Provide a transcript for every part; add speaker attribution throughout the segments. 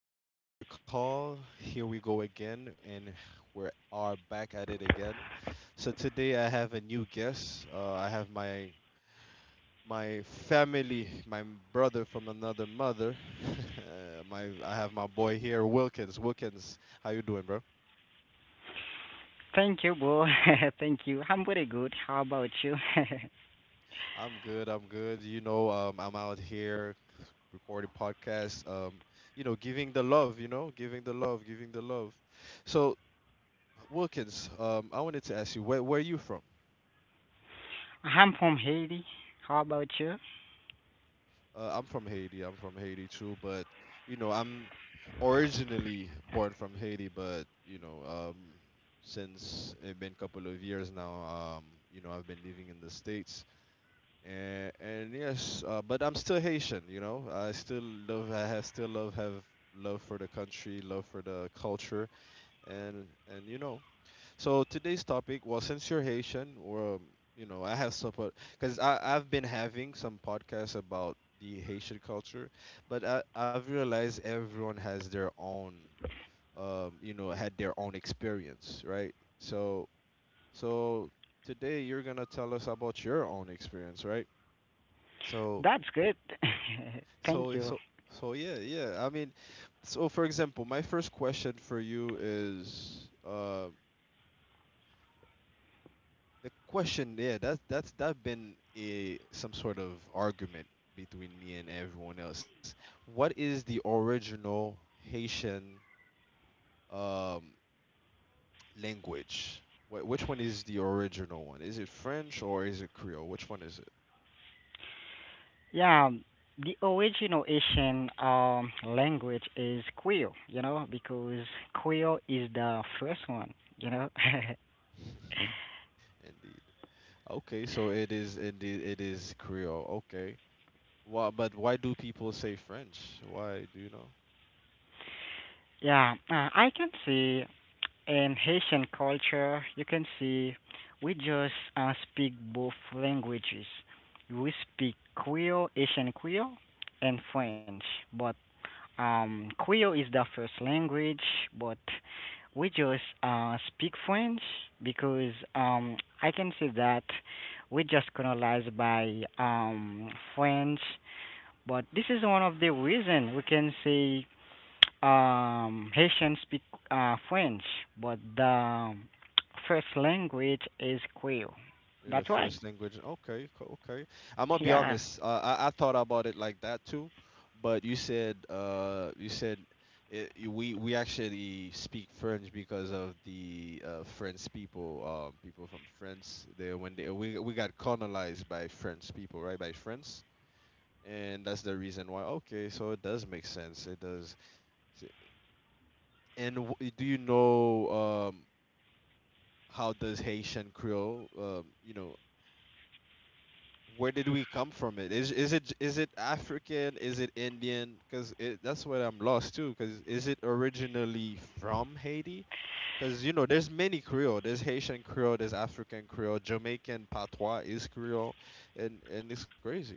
Speaker 1: This is your boy Carl. Here we go again, and we are back at it again. So today I have a new guest. I have my family, my brother from another mother. My I have my boy here, Wilkins. Wilkins, how you doing, bro?
Speaker 2: Thank you, bro. Thank you. I'm pretty good. How about you?
Speaker 1: I'm good. I'm good. I'm out here recording podcasts. Giving the love. Giving the love, giving the love. So Wilkins, I wanted to ask you where are you from?
Speaker 2: I'm from Haiti. How about you?
Speaker 1: I'm from Haiti. I'm from Haiti too, but you know, I'm originally born from Haiti, but since it's been a couple of years now, um, I've been living in the States, and yes, but I'm still Haitian. You know, I still love. I have still love have love for the country, love for the culture, and so today's topic, well, since you're Haitian, or I have support because I've been having some podcasts about the Haitian culture, but I've realized everyone has their own, had their own experience, right? So today you're gonna tell us about your own experience, right? So
Speaker 2: That's good. Thank
Speaker 1: so
Speaker 2: you.
Speaker 1: so so yeah, yeah. I mean, so for example, my first question for you is, the question, yeah, that's that been a some sort of argument between me and everyone else. What is the original Haitian um language? Which one is the original one? Is it French or is it Creole? Which one is it?
Speaker 2: Yeah, the original Asian language is Creole, you know, because Creole is the first one, you know.
Speaker 1: Indeed. Okay, so it is indeed it is Creole. Okay. Why, but why do people say French? Why, do you know?
Speaker 2: Yeah, I can say in Haitian culture, you can see we just speak both languages. We speak Creole, Haitian Creole, and French. But Creole is the first language, but we just speak French because I can say that we just colonized by French. But this is one of the reason we can say Haitians speak French, but the first language is Creole.
Speaker 1: You're the
Speaker 2: That's right.
Speaker 1: first language. Okay, okay. I'm gonna be
Speaker 2: Yeah.
Speaker 1: honest. I thought about it like that too, but you said it, we actually speak French because of the French people people from France. They when they we got colonized by French people, right? By France, and that's the reason why. Okay, so it does make sense. It does. S- And w do you know um how does Haitian Creole, where did we come from? it, is is it African, is it Indian? Because it, that's what I'm lost too. Because is it originally from Haiti? Because you know there's many Creole. There's Haitian Creole, there's African Creole, Jamaican patois is Creole, and it's crazy.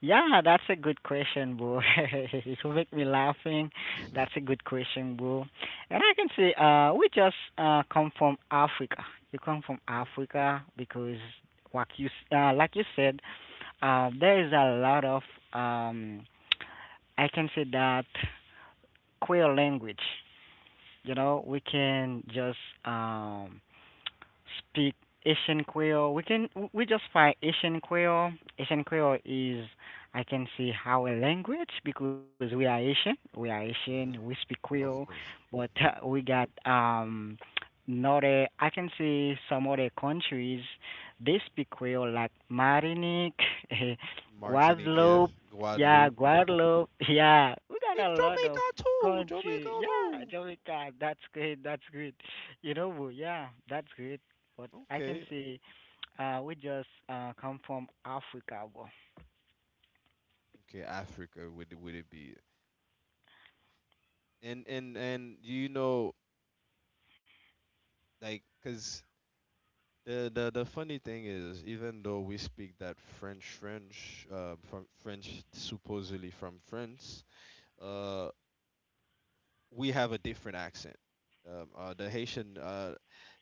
Speaker 2: Yeah, that's a good question, bro. You make me laughing.
Speaker 1: Okay.
Speaker 2: That's a good question, bro. And I can say, we just come from Africa. You come from Africa because, like you said, there is a lot of um, I can say that queer language. You know, we can just um speak Asian Creole. We just find Asian Creole. Asian Creole is I can see how a language because we are Asian. We are Asian.
Speaker 1: Hmm,
Speaker 2: We speak Creole,
Speaker 1: of course.
Speaker 2: but
Speaker 1: Hmm,
Speaker 2: we got not I can see some other countries they speak Creole like Martinique,
Speaker 1: Martinique, yes.
Speaker 2: Guadeloupe. Yeah,
Speaker 1: Guadeloupe, hmm.
Speaker 2: Guadeloupe. Yeah, we
Speaker 1: In
Speaker 2: got a lot
Speaker 1: Jamaica
Speaker 2: of
Speaker 1: too,
Speaker 2: Crunchy.
Speaker 1: jamaica
Speaker 2: Yeah,
Speaker 1: too
Speaker 2: Jovica, that's great. That's great. You know, Wu, yeah, that's great. But I can
Speaker 1: Okay,
Speaker 2: say, we just come from Africa.
Speaker 1: okay. Africa. Would it be, and you know, like because the, the funny thing is even though we speak that French, from French, supposedly from France, uh we have a different accent, the Haitian, uh,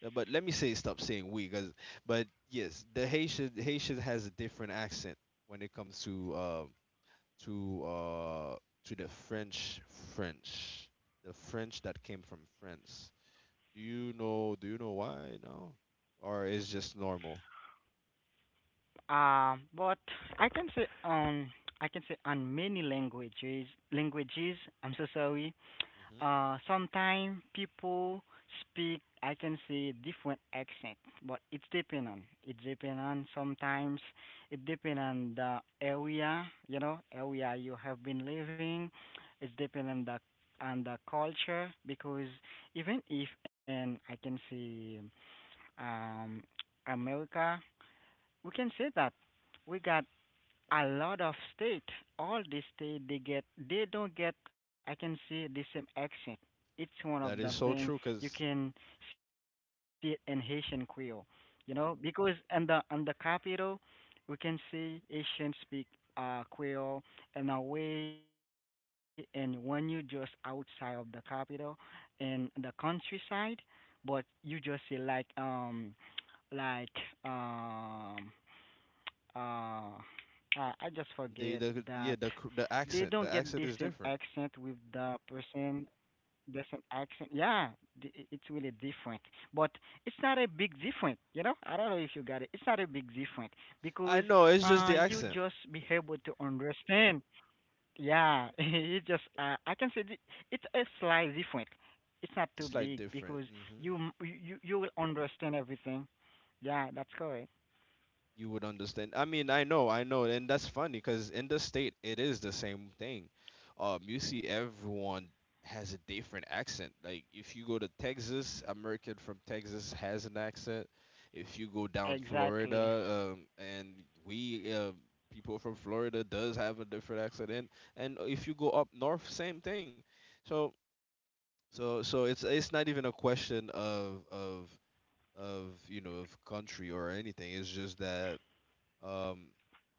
Speaker 1: uh, but let me say stop saying we, cause, but yes, the Haitian has a different accent when it comes to to uh, to the French, the French that came from France. Do you know? Do you know why? No, or is just normal?
Speaker 2: But I can say on many languages. I'm so sorry.
Speaker 1: Mhm.
Speaker 2: Sometimes people speak I can say different accent, but it depend on sometimes it depend on the area, you know, area you have been living. It's depend on the culture because even if and I can say um America, we can say that we got a lot of state. All the state they get, they don't get. I can see the same accent.
Speaker 1: That
Speaker 2: It's
Speaker 1: is
Speaker 2: one
Speaker 1: so
Speaker 2: of
Speaker 1: true,
Speaker 2: the
Speaker 1: because
Speaker 2: thing you can see it in Haitian Creole, you know, because in the capital, we can see Haitian speak Creole in a way, and when you just outside of the capital, in the countryside, but you just see like um like um uh, I, I just forget that
Speaker 1: the yeah the
Speaker 2: they
Speaker 1: the
Speaker 2: don't get the same
Speaker 1: accent is different.
Speaker 2: accent with the person, the same accent. Yeah, it's really different, but it's not a big difference. You know, I don't know if you got it. It's not a big difference
Speaker 1: I
Speaker 2: because
Speaker 1: know, it's just the
Speaker 2: you
Speaker 1: accent.
Speaker 2: just be able to understand. Yeah, it just I can say it's a slight different. It's not
Speaker 1: It's
Speaker 2: too
Speaker 1: like
Speaker 2: big
Speaker 1: different.
Speaker 2: because
Speaker 1: Hmm,
Speaker 2: you you will understand everything. Yeah, that's correct.
Speaker 1: you would understand. I mean, I know, and that's funny because in the state it is the same thing. You see everyone has a different accent. Like if you go to Texas, American from Texas has an accent. If you go down
Speaker 2: Exactly.
Speaker 1: Florida, and we, people from Florida does have a different accent, and if you go up north, same thing. So so it's not even a
Speaker 2: Yeah, you're
Speaker 1: question
Speaker 2: right.
Speaker 1: of of you know, of country or anything. It's just that um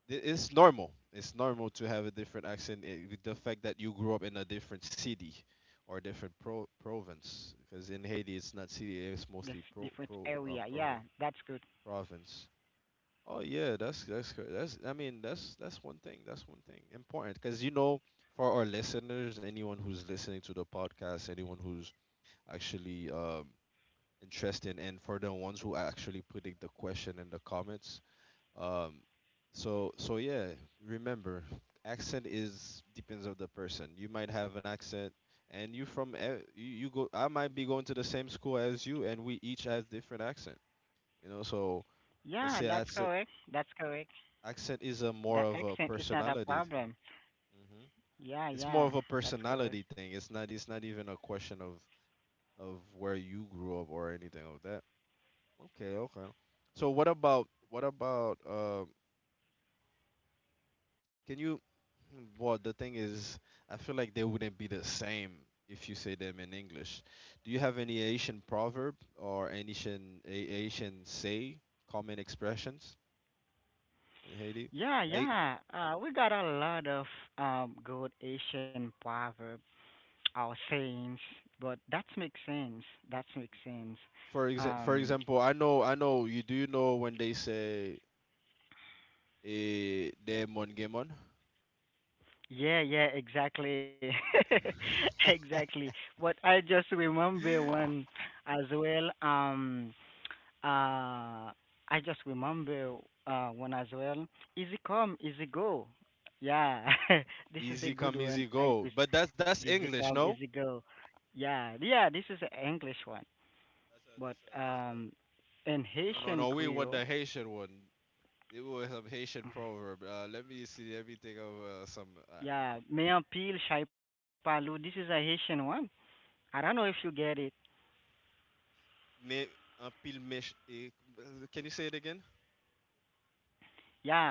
Speaker 1: it's normal, it's normal to have a different accent, eh, with the fact that you grew up in a different city or different province,
Speaker 2: This
Speaker 1: because in
Speaker 2: different
Speaker 1: Haiti it's not
Speaker 2: area.
Speaker 1: city, it's
Speaker 2: Yeah,
Speaker 1: mostly
Speaker 2: that's good.
Speaker 1: province, province oh yeah, that's that's, I mean, that's one thing, that's one thing important because you know, for our listeners, anyone who's listening to the podcast, anyone who's actually interested, and for the ones who actually putting the question in the comments, um, so yeah, remember, accent is depends of the person. You might have an accent, and you from you, you go. I might be going to the same school as you, and we each has different accent. You know, so let's
Speaker 2: Yeah,
Speaker 1: say
Speaker 2: that's correct. That's correct.
Speaker 1: accent is a more
Speaker 2: The
Speaker 1: of a
Speaker 2: accent is not a
Speaker 1: personality.
Speaker 2: problem.
Speaker 1: Hmm.
Speaker 2: Yeah,
Speaker 1: It's more
Speaker 2: yeah,
Speaker 1: of a
Speaker 2: that's correct.
Speaker 1: personality thing. It's not even a question of where you grew up or anything of that. Okay, okay. So what about, can you? Hmm, well, the thing is, I feel like they wouldn't be the same if you say them in English. Do you have any Asian proverb or any Asian say, common expressions in Haiti?
Speaker 2: Yeah,
Speaker 1: Like
Speaker 2: yeah. We got a lot of good Asian proverb or sayings, but that makes sense. That makes sense.
Speaker 1: for
Speaker 2: Um,
Speaker 1: example, I know, you, do you know when they say eh, demon gemon?
Speaker 2: Yeah, yeah, exactly. Exactly. But I just remember one as well, uh I just remember one as well. Easy come, easy go. Yeah. This is a
Speaker 1: Easy
Speaker 2: good
Speaker 1: come,
Speaker 2: one.
Speaker 1: easy
Speaker 2: I
Speaker 1: go.
Speaker 2: use
Speaker 1: But that's
Speaker 2: easy
Speaker 1: English,
Speaker 2: come,
Speaker 1: no?
Speaker 2: easy go. Yeah, yeah, this is an English one. But
Speaker 1: That's a,
Speaker 2: in
Speaker 1: no, no,
Speaker 2: Haitian
Speaker 1: no. We want
Speaker 2: Creole,
Speaker 1: the Haitian one. It was a Haitian proverb. Let me see. Let me think of some.
Speaker 2: yeah, me un pile chai palou. This is a Haitian one. I don't know if you get it.
Speaker 1: Mais un pile méch. Eh, can you say it again?
Speaker 2: Yeah,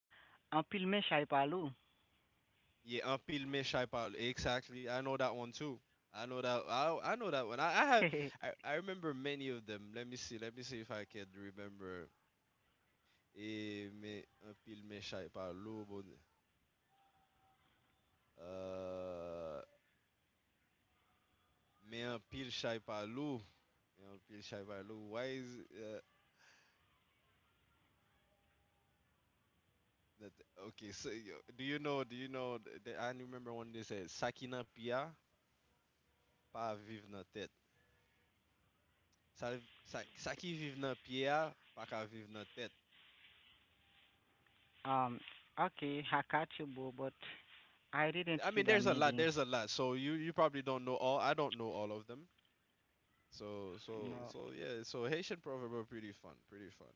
Speaker 2: un filme Shaipaloo.
Speaker 1: Yeah, un pile méchant parle. Exactly. I know that one too. I know that. I know that one. I, I have. I remember many of them. Let me see. Let me see if I can remember. Eh, mais un pile méchant parle, oh, bon, uh, mais un pile chai parle, oh, mais un pile chai parle, oh, why is, uh, that, okay, so yo, do you know? Do you know? I remember when they said, "Saki na pia, pa vivre na tête." Sa, saki vive na pia, pa ka vive na tête.
Speaker 2: Um, okay, I catch Hakachubu, but I
Speaker 1: I
Speaker 2: didn't
Speaker 1: mean,
Speaker 2: see
Speaker 1: there's a
Speaker 2: the
Speaker 1: lot. There's a
Speaker 2: meeting.
Speaker 1: lot. So you probably don't know all. I don't know all of them. So
Speaker 2: No,
Speaker 1: yeah. So Haitian proverb are pretty fun. Pretty fun.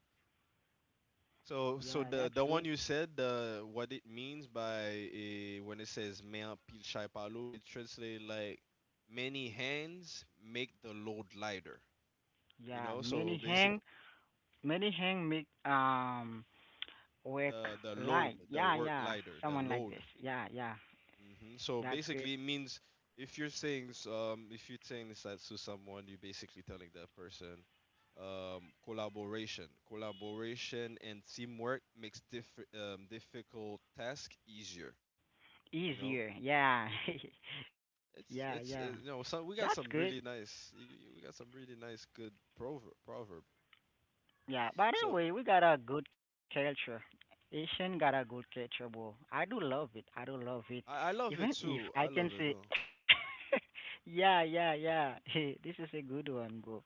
Speaker 1: So so the
Speaker 2: yeah,
Speaker 1: one
Speaker 2: that's
Speaker 1: you
Speaker 2: good.
Speaker 1: said, the what it means by eh, when it says "me en pile chai palo," it translates like many hands make the load lighter. You know,
Speaker 2: Yeah,
Speaker 1: so basic,
Speaker 2: many hang make
Speaker 1: the
Speaker 2: work
Speaker 1: load, the
Speaker 2: light.
Speaker 1: work
Speaker 2: Yeah,
Speaker 1: lighter,
Speaker 2: yeah,
Speaker 1: the load.
Speaker 2: someone like this. Yeah, yeah,
Speaker 1: Hmm, so basically it
Speaker 2: that's good.
Speaker 1: means, if you're saying if you're saying this as to someone, you're basically telling that person collaboration and teamwork makes difficult task easier, you know.
Speaker 2: Easier. Yeah, yeah,
Speaker 1: it's
Speaker 2: yeah.
Speaker 1: it's you know, so
Speaker 2: That's
Speaker 1: we got
Speaker 2: good.
Speaker 1: some really nice, you, we got some really nice good proverb.
Speaker 2: Yeah,
Speaker 1: So
Speaker 2: by the way, we got a good culture. Asian got a good culture, bro. I do love it. I do love it.
Speaker 1: I love it
Speaker 2: Even
Speaker 1: too, I
Speaker 2: if
Speaker 1: love
Speaker 2: I
Speaker 1: it
Speaker 2: can
Speaker 1: though.
Speaker 2: say, yeah, yeah, yeah. Hey, this is a good one, bro.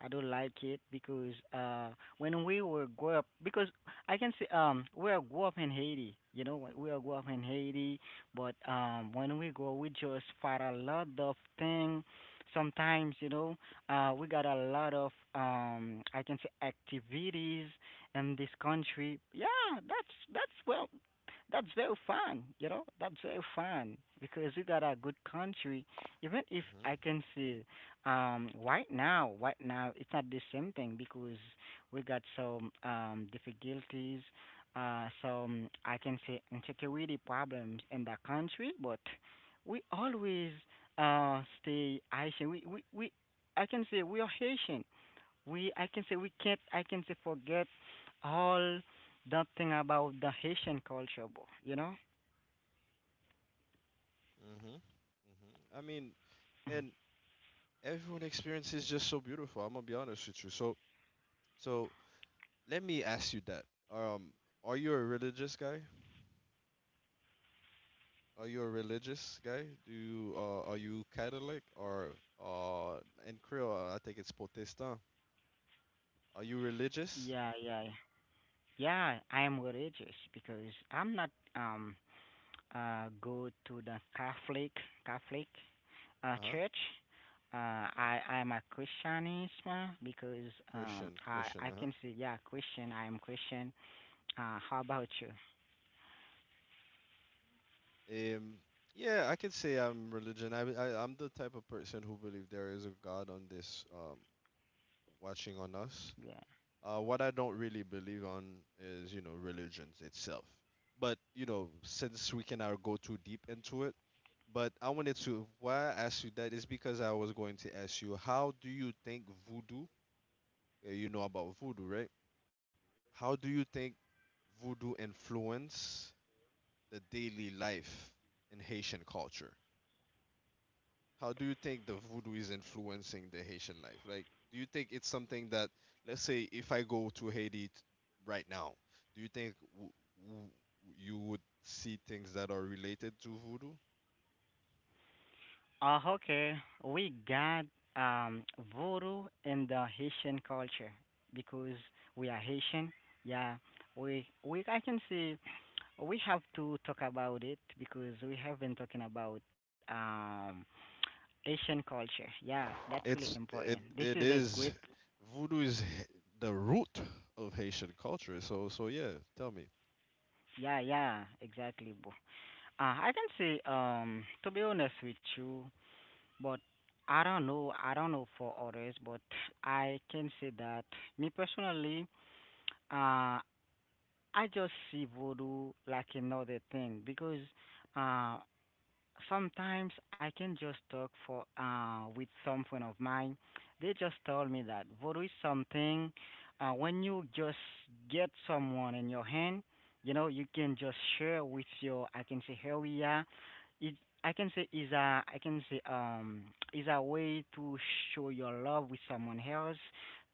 Speaker 2: I do like it because when we were grow up, because I can say we are grew up in Haiti. You know, we are grew up in Haiti, but when we go, we just fight a lot of thing. Sometimes, you know. We got a lot of I can say activities in this country. Yeah, that's that's well, that's very fun. You know, that's very fun because we got a good country. Even if I can see right now it's not the same thing because we got some difficulties. Some I can say insecurity problems in the country, but we always stay I say we I can say we are Haitian. We I can say we can't I can say forget all that thing about the Haitian culture, you know?
Speaker 1: Hmm, hmm. I mean,
Speaker 2: Mhm.
Speaker 1: and everyone experience is just so beautiful. I'm gonna be honest with you. So, so let me ask you that. Um, are you a religious guy? Are you a religious guy? Do you are you Catholic or uh, in Creole I think it's Protestant. Are you
Speaker 2: Yeah,
Speaker 1: religious?
Speaker 2: yeah, yeah. Yeah, I am religious because I'm not go to the Catholic church.
Speaker 1: Uh-huh.
Speaker 2: I am a Christianism because
Speaker 1: Christian,
Speaker 2: um
Speaker 1: Christian.
Speaker 2: I I
Speaker 1: Uh-huh.
Speaker 2: can say yeah, Christian, I am Christian. Uh, how about you?
Speaker 1: Um, yeah, I could say I'm religion. I'm the type of person who believe there is a God on this watching on us.
Speaker 2: Yeah.
Speaker 1: What I don't really believe on is, you know, religions itself. But, you know, since we cannot go too deep into it, but I wanted to, why I asked you that is because I was going to ask you, how do you think voodoo, you know about voodoo, right? How do you think voodoo influence the daily life in Haitian culture? How do you think the voodoo is influencing the Haitian life? Like, do you think it's something that, let's say, if I go to Haiti right now, do you think w- you would see things that are related to voodoo?
Speaker 2: Okay, we got um, voodoo in the Haitian culture because we are Haitian. Yeah, we I can say we have to talk about it because we have been talking about Asian culture. Yeah, that's really
Speaker 1: It's
Speaker 2: important.
Speaker 1: it
Speaker 2: This is
Speaker 1: it
Speaker 2: a great.
Speaker 1: is voodoo is the root of Haitian culture. So so yeah, tell me.
Speaker 2: Yeah, yeah, exactly, bro. I can say to be honest with you, but I don't know. I don't know for others, but I can say that me personally, uh, I just see voodoo like another thing because uh, sometimes I can just talk for with some friend of mine. They just told me that voodoo is something when you just get someone in your hand, you know, you can just share with your I can say here we are. It I can say is a I can say is a way to show your love with someone else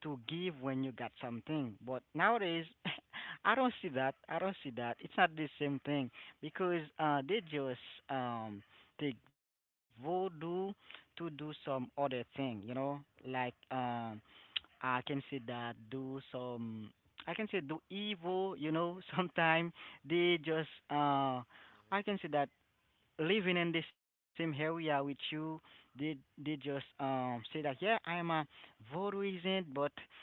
Speaker 2: to give when you got something. But nowadays I don't see that. I don't see that. It's not the same thing because they just um take voodoo to do some other thing, you know, like I can say that do some, I can say do evil, you know. Sometimes they just,
Speaker 1: Mhm,
Speaker 2: I can say that living in the same area with you, they they just say that yeah, I am a voodooism, but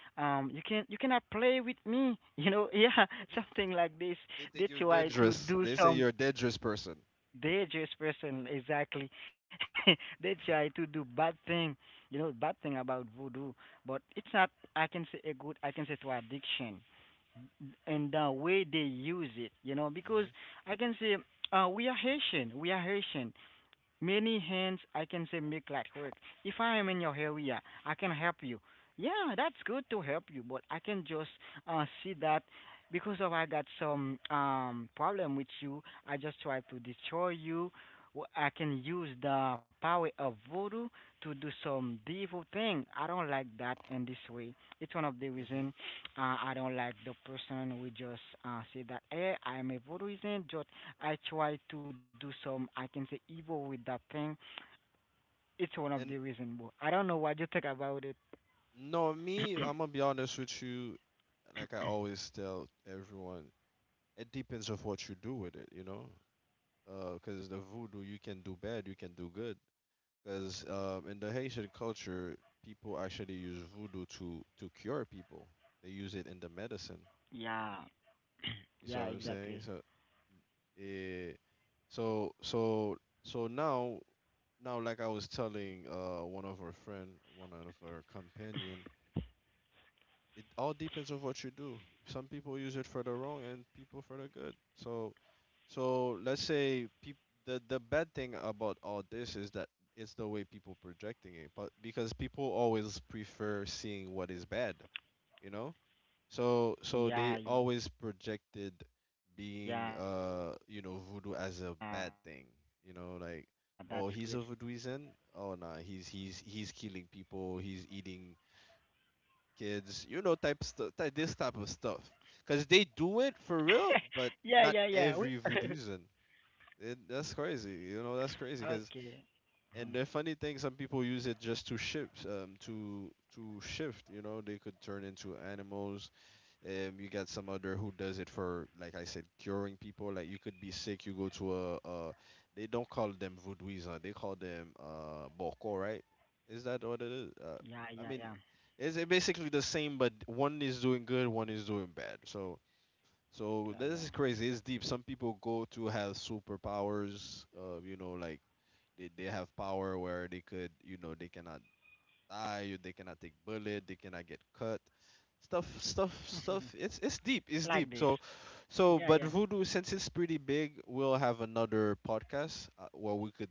Speaker 2: you can you cannot play with me, you know, yeah,
Speaker 1: mhm.
Speaker 2: something like this.
Speaker 1: They think
Speaker 2: They
Speaker 1: you're
Speaker 2: try to
Speaker 1: dangerous.
Speaker 2: do
Speaker 1: They say
Speaker 2: some
Speaker 1: you're a dangerous person.
Speaker 2: they just person exactly. They try to do bad thing, you know, bad thing about voodoo. But it's not. I can say a good. I can say to addiction, and the way they use it, you know, because
Speaker 1: Mhm,
Speaker 2: I can say we are Haitian. We are Haitian many hands I can say make light work. If I am in your area, I can help you. Yeah, that's good to help you, but I can just see that because of I got some problem with you, I just try to destroy you. I can use the power of voodoo to do some evil thing. I don't like that in this way. It's one of the
Speaker 1: mhm.
Speaker 2: reason I don't like the person who just say that hey, I am a voodooism, just I try to do some, I can say, evil with that thing. It's one of the
Speaker 1: And
Speaker 2: reason. But I don't know what you think about it.
Speaker 1: no, me, I'm gonna be honest with you. Like I always tell everyone, it depends of what you do with it, you know. Because the voodoo, you can do bad, you can do good. Cause, in the Haitian culture, people actually use voodoo to cure people. They use it in the medicine.
Speaker 2: Yeah, yeah,
Speaker 1: You
Speaker 2: exactly.
Speaker 1: see what I'm saying? So, eh, so, so, so now, now, like I was telling one of our friend, one of our companion, it all depends on what you do. Some people use it for the wrong and people for the good. So, so let's say peop- the bad thing about all this is that it's the way people projecting it, but because people always prefer seeing what is bad, you know.
Speaker 2: Yeah,
Speaker 1: So
Speaker 2: yeah,
Speaker 1: they
Speaker 2: that's good.
Speaker 1: always projected being voodoo as a bad thing, you know like. Oh, he's a voodooism. Oh, nah, he's killing people. He's eating kids, you know, this type of stuff. Cause they do it
Speaker 2: Yeah,
Speaker 1: for
Speaker 2: yeah,
Speaker 1: real,
Speaker 2: yeah. We-
Speaker 1: but not every voodooism. It, that's crazy, you know. That's crazy.
Speaker 2: Okay.
Speaker 1: Cause and the funny thing, some people use it just to shift, to shift. You know, they could turn into animals. You got some other who does it for, like I said, curing people. Like you could be sick, you go to a, they don't call them voodooism, they call them boko, right? Is that what it is? I
Speaker 2: Yeah,
Speaker 1: mean,
Speaker 2: yeah, yeah,
Speaker 1: it's basically the same, but one is doing good, one is doing bad. So, so this is
Speaker 2: yeah,
Speaker 1: crazy. It's deep. Some people go to have superpowers. You know, like they have power where they could, you know, they cannot die, they cannot take bullet, they cannot get cut stuff. it's
Speaker 2: yeah.
Speaker 1: it's deep. It's deep. so
Speaker 2: Like this.
Speaker 1: so but
Speaker 2: Yeah,
Speaker 1: voodoo,
Speaker 2: yeah.
Speaker 1: since it's pretty big, we'll have another podcast where we could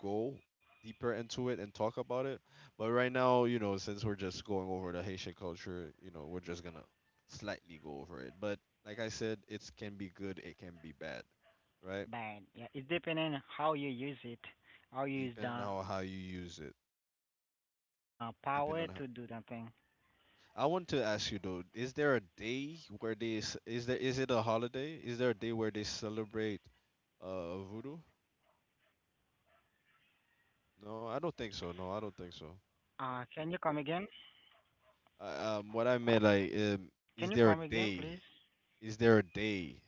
Speaker 1: go deeper into it and talk about it. But right now, you know, since we're just going over the Haitian culture, you know, we're just gonna slightly go over it. But like I said, it can be good, it can be bad, right?
Speaker 2: But yeah, it's depending how you use it, how
Speaker 1: Depend
Speaker 2: you
Speaker 1: how
Speaker 2: use
Speaker 1: you
Speaker 2: the
Speaker 1: use it.
Speaker 2: power to do that thing.
Speaker 1: Depend on, I want to ask you though, is there a day where is there, is it a holiday? Is there a day where they celebrate voodoo? No, I don't think so. No, I don't think so.
Speaker 2: Can you come again?
Speaker 1: What I meant
Speaker 2: Can you
Speaker 1: like,
Speaker 2: come again, please?
Speaker 1: is there a day? Is there a day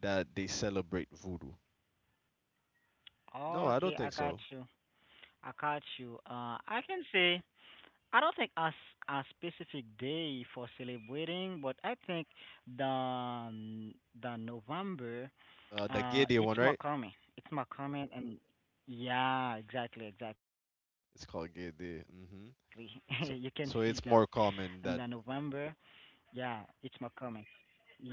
Speaker 1: that they celebrate voodoo?
Speaker 2: Okay, I
Speaker 1: No,
Speaker 2: got
Speaker 1: I don't
Speaker 2: you.
Speaker 1: think so.
Speaker 2: I catch you. I can say I don't think as a specific day for celebrating, but I think the um, the November,
Speaker 1: The Gay Day one,
Speaker 2: it's
Speaker 1: right?
Speaker 2: Makame. It's Makame, and yeah, exactly, exactly.
Speaker 1: It's
Speaker 2: You
Speaker 1: called
Speaker 2: can
Speaker 1: Gay
Speaker 2: see
Speaker 1: Day.
Speaker 2: that,
Speaker 1: Hmm.
Speaker 2: and the
Speaker 1: So, so
Speaker 2: November,
Speaker 1: it's more common
Speaker 2: yeah,
Speaker 1: that.
Speaker 2: it's Makame. Yeah, yeah, yeah. That's why.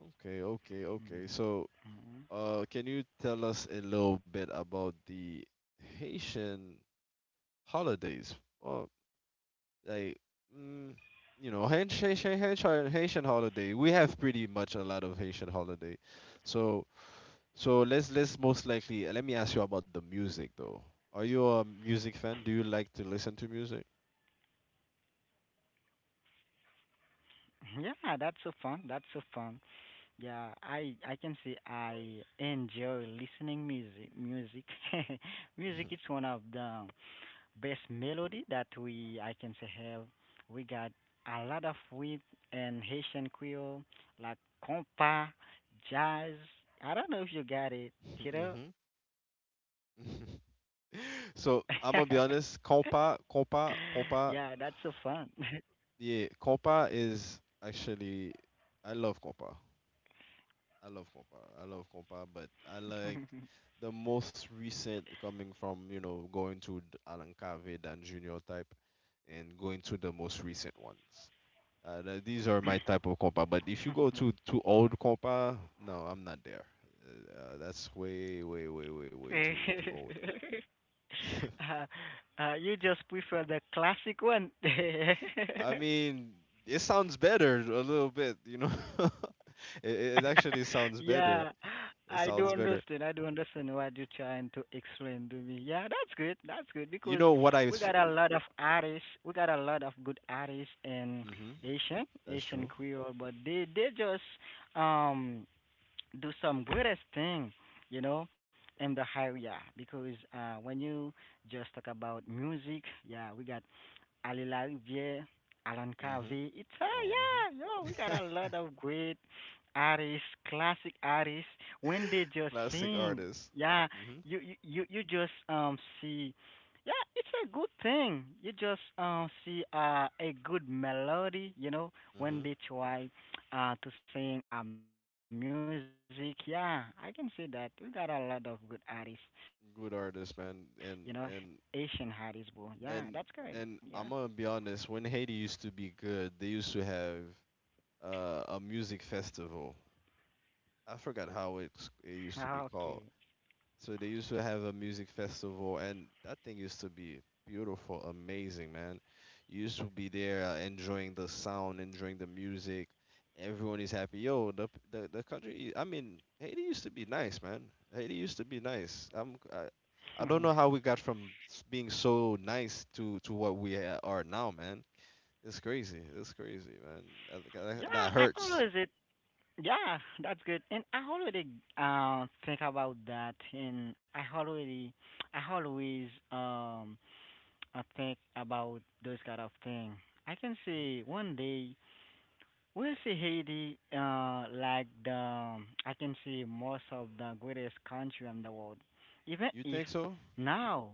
Speaker 1: Okay, okay,
Speaker 2: Mm-hmm.
Speaker 1: okay. So, can you tell us a little bit about the Haitian holidays? Well, like, mm, you know, Haitian holiday. We have pretty much a lot of Haitian holiday. So, let's most likely let me ask you about the music though. Are you a music fan? Do you like to listen to music?
Speaker 2: Yeah, that's so fun. That's so fun. Yeah, I can say I enjoy listening music. Music, music is one of the best melody that we I can say have. We got a lot of with and Haitian Creole, like compa, jazz. I don't know if you got it,
Speaker 1: Hmm.
Speaker 2: you know.
Speaker 1: So I'm gonna be
Speaker 2: Yeah,
Speaker 1: honest.
Speaker 2: that's so fun.
Speaker 1: Compa. Yeah, compa is actually, I love compa. I love compa, but I like the most recent coming from, you know, going to Alan Cave, Dan Junior type, and going to the most recent ones. These are my type of compa. But if you go to old compa, no, I'm not there. That's way, way, way, way, way too old.
Speaker 2: uh, you just prefer the classic one.
Speaker 1: I mean, it sounds better a little bit, you know. It actually sounds better.
Speaker 2: Yeah,
Speaker 1: It
Speaker 2: I
Speaker 1: sounds
Speaker 2: do
Speaker 1: better.
Speaker 2: understand. I do understand what you're trying to explain to me. Yeah, that's good. That's good
Speaker 1: You
Speaker 2: because
Speaker 1: know what I
Speaker 2: we
Speaker 1: s-
Speaker 2: got a lot of artists. We got a lot of good artists in
Speaker 1: Mm-hmm.
Speaker 2: Asian,
Speaker 1: That's
Speaker 2: Asian
Speaker 1: true.
Speaker 2: Creole, but they just um do some greatest thing, you know, in the area because when you just talk about music, yeah, we got à la Rivière, Alan
Speaker 1: Mm-hmm.
Speaker 2: Covey. It's
Speaker 1: Oh,
Speaker 2: yeah, yo, we got a
Speaker 1: mm-hmm.
Speaker 2: lot of great artists, classic artists. When they just
Speaker 1: Classic
Speaker 2: sing,
Speaker 1: artist.
Speaker 2: yeah,
Speaker 1: Mm-hmm.
Speaker 2: you just see, yeah, it's a good thing. You just see a good melody, you know, when
Speaker 1: Mm-hmm.
Speaker 2: they try to sing music. Yeah, I can see that. We got a lot of good artists, you know, Asian
Speaker 1: Good
Speaker 2: artists,
Speaker 1: artist,
Speaker 2: bro.
Speaker 1: man.
Speaker 2: Yeah,
Speaker 1: And
Speaker 2: that's correct.
Speaker 1: and
Speaker 2: Yeah.
Speaker 1: and and I'm gonna be honest. When Haiti used to be good, they used to have a music festival. I forgot how
Speaker 2: Okay.
Speaker 1: it used to be called. So they used to have a music festival, and that thing used to be beautiful, amazing, man. You used to be there enjoying the sound, enjoying the music. Everyone is happy. Yo, the p- the country. I mean, Haiti used to be nice, man. Haiti used to be nice. I don't know how we got from being so nice to what are now, man. It's crazy. It's crazy, man.
Speaker 2: Yeah,
Speaker 1: That
Speaker 2: I
Speaker 1: hurts.
Speaker 2: always it. Yeah, that's good. And I already think about that, and I already, I always I think about those kind of thing. I can see one day we'll see Haiti like the I can see most of the greatest country in the world, even
Speaker 1: You
Speaker 2: if
Speaker 1: think so?
Speaker 2: now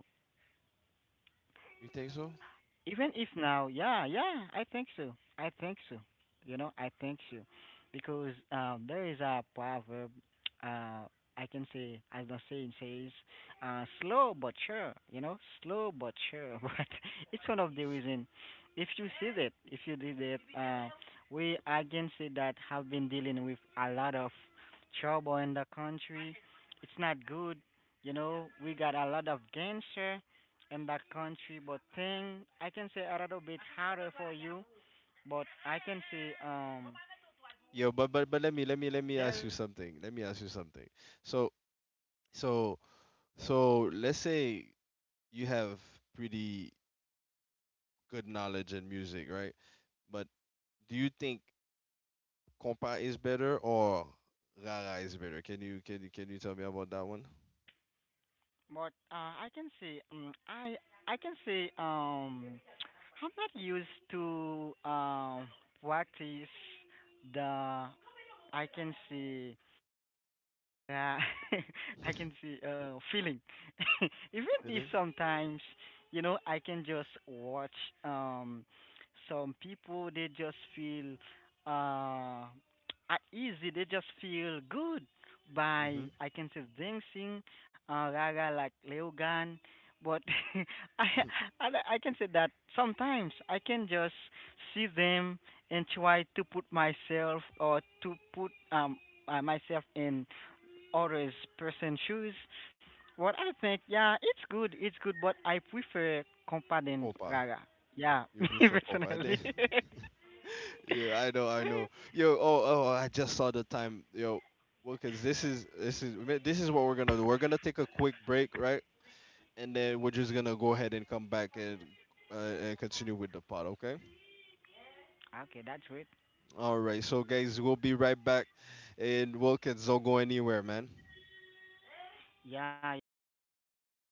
Speaker 1: You think so?
Speaker 2: even if now, yeah, yeah, I think so. I think so. You know, I think so, because there is a proverb. Uh, I can say, as the saying says, slow but sure. You know, slow but sure. But it's one of the reason. If you see that, if you did it, we I can say that have been dealing with a lot of trouble in the country. It's not good. You know, we got a lot of gangster in that country, but thing I can say a little bit harder for you, but I can say
Speaker 1: Yo, but let me
Speaker 2: th-
Speaker 1: let me
Speaker 2: there,
Speaker 1: ask you something. Let me ask you something. So so so let's say you have pretty good knowledge in music, right? But do you think compa is better or rara is better? Can you tell me about that one?
Speaker 2: but I can say I'm not used to practice the I can say. Yeah, I can see feeling. Even
Speaker 1: Feeling?
Speaker 2: if sometimes, you know, I can just watch um some people they just feel uh at easy, they just feel good by
Speaker 1: Mhm.
Speaker 2: I can say dancing, Raga like Leogan. But I, I can say that sometimes I can just see them and try to put myself or to put myself in others person shoes. What I think, yeah, it's good, but I prefer Compa than
Speaker 1: Compa.
Speaker 2: Gaga. Yeah,
Speaker 1: You
Speaker 2: me
Speaker 1: prefer compa.
Speaker 2: personally.
Speaker 1: Yeah, I know. Yo, oh, I just saw the time. Yo, well, cause this is what we're gonna do. We're gonna take a quick break, right? And then we're just gonna go ahead and come back uh, and continue with the pod. Okay.
Speaker 2: Okay, that's it.
Speaker 1: All right. So guys, we'll be right back, and we'll kids don't go anywhere, man.
Speaker 2: Yeah, yeah, I catch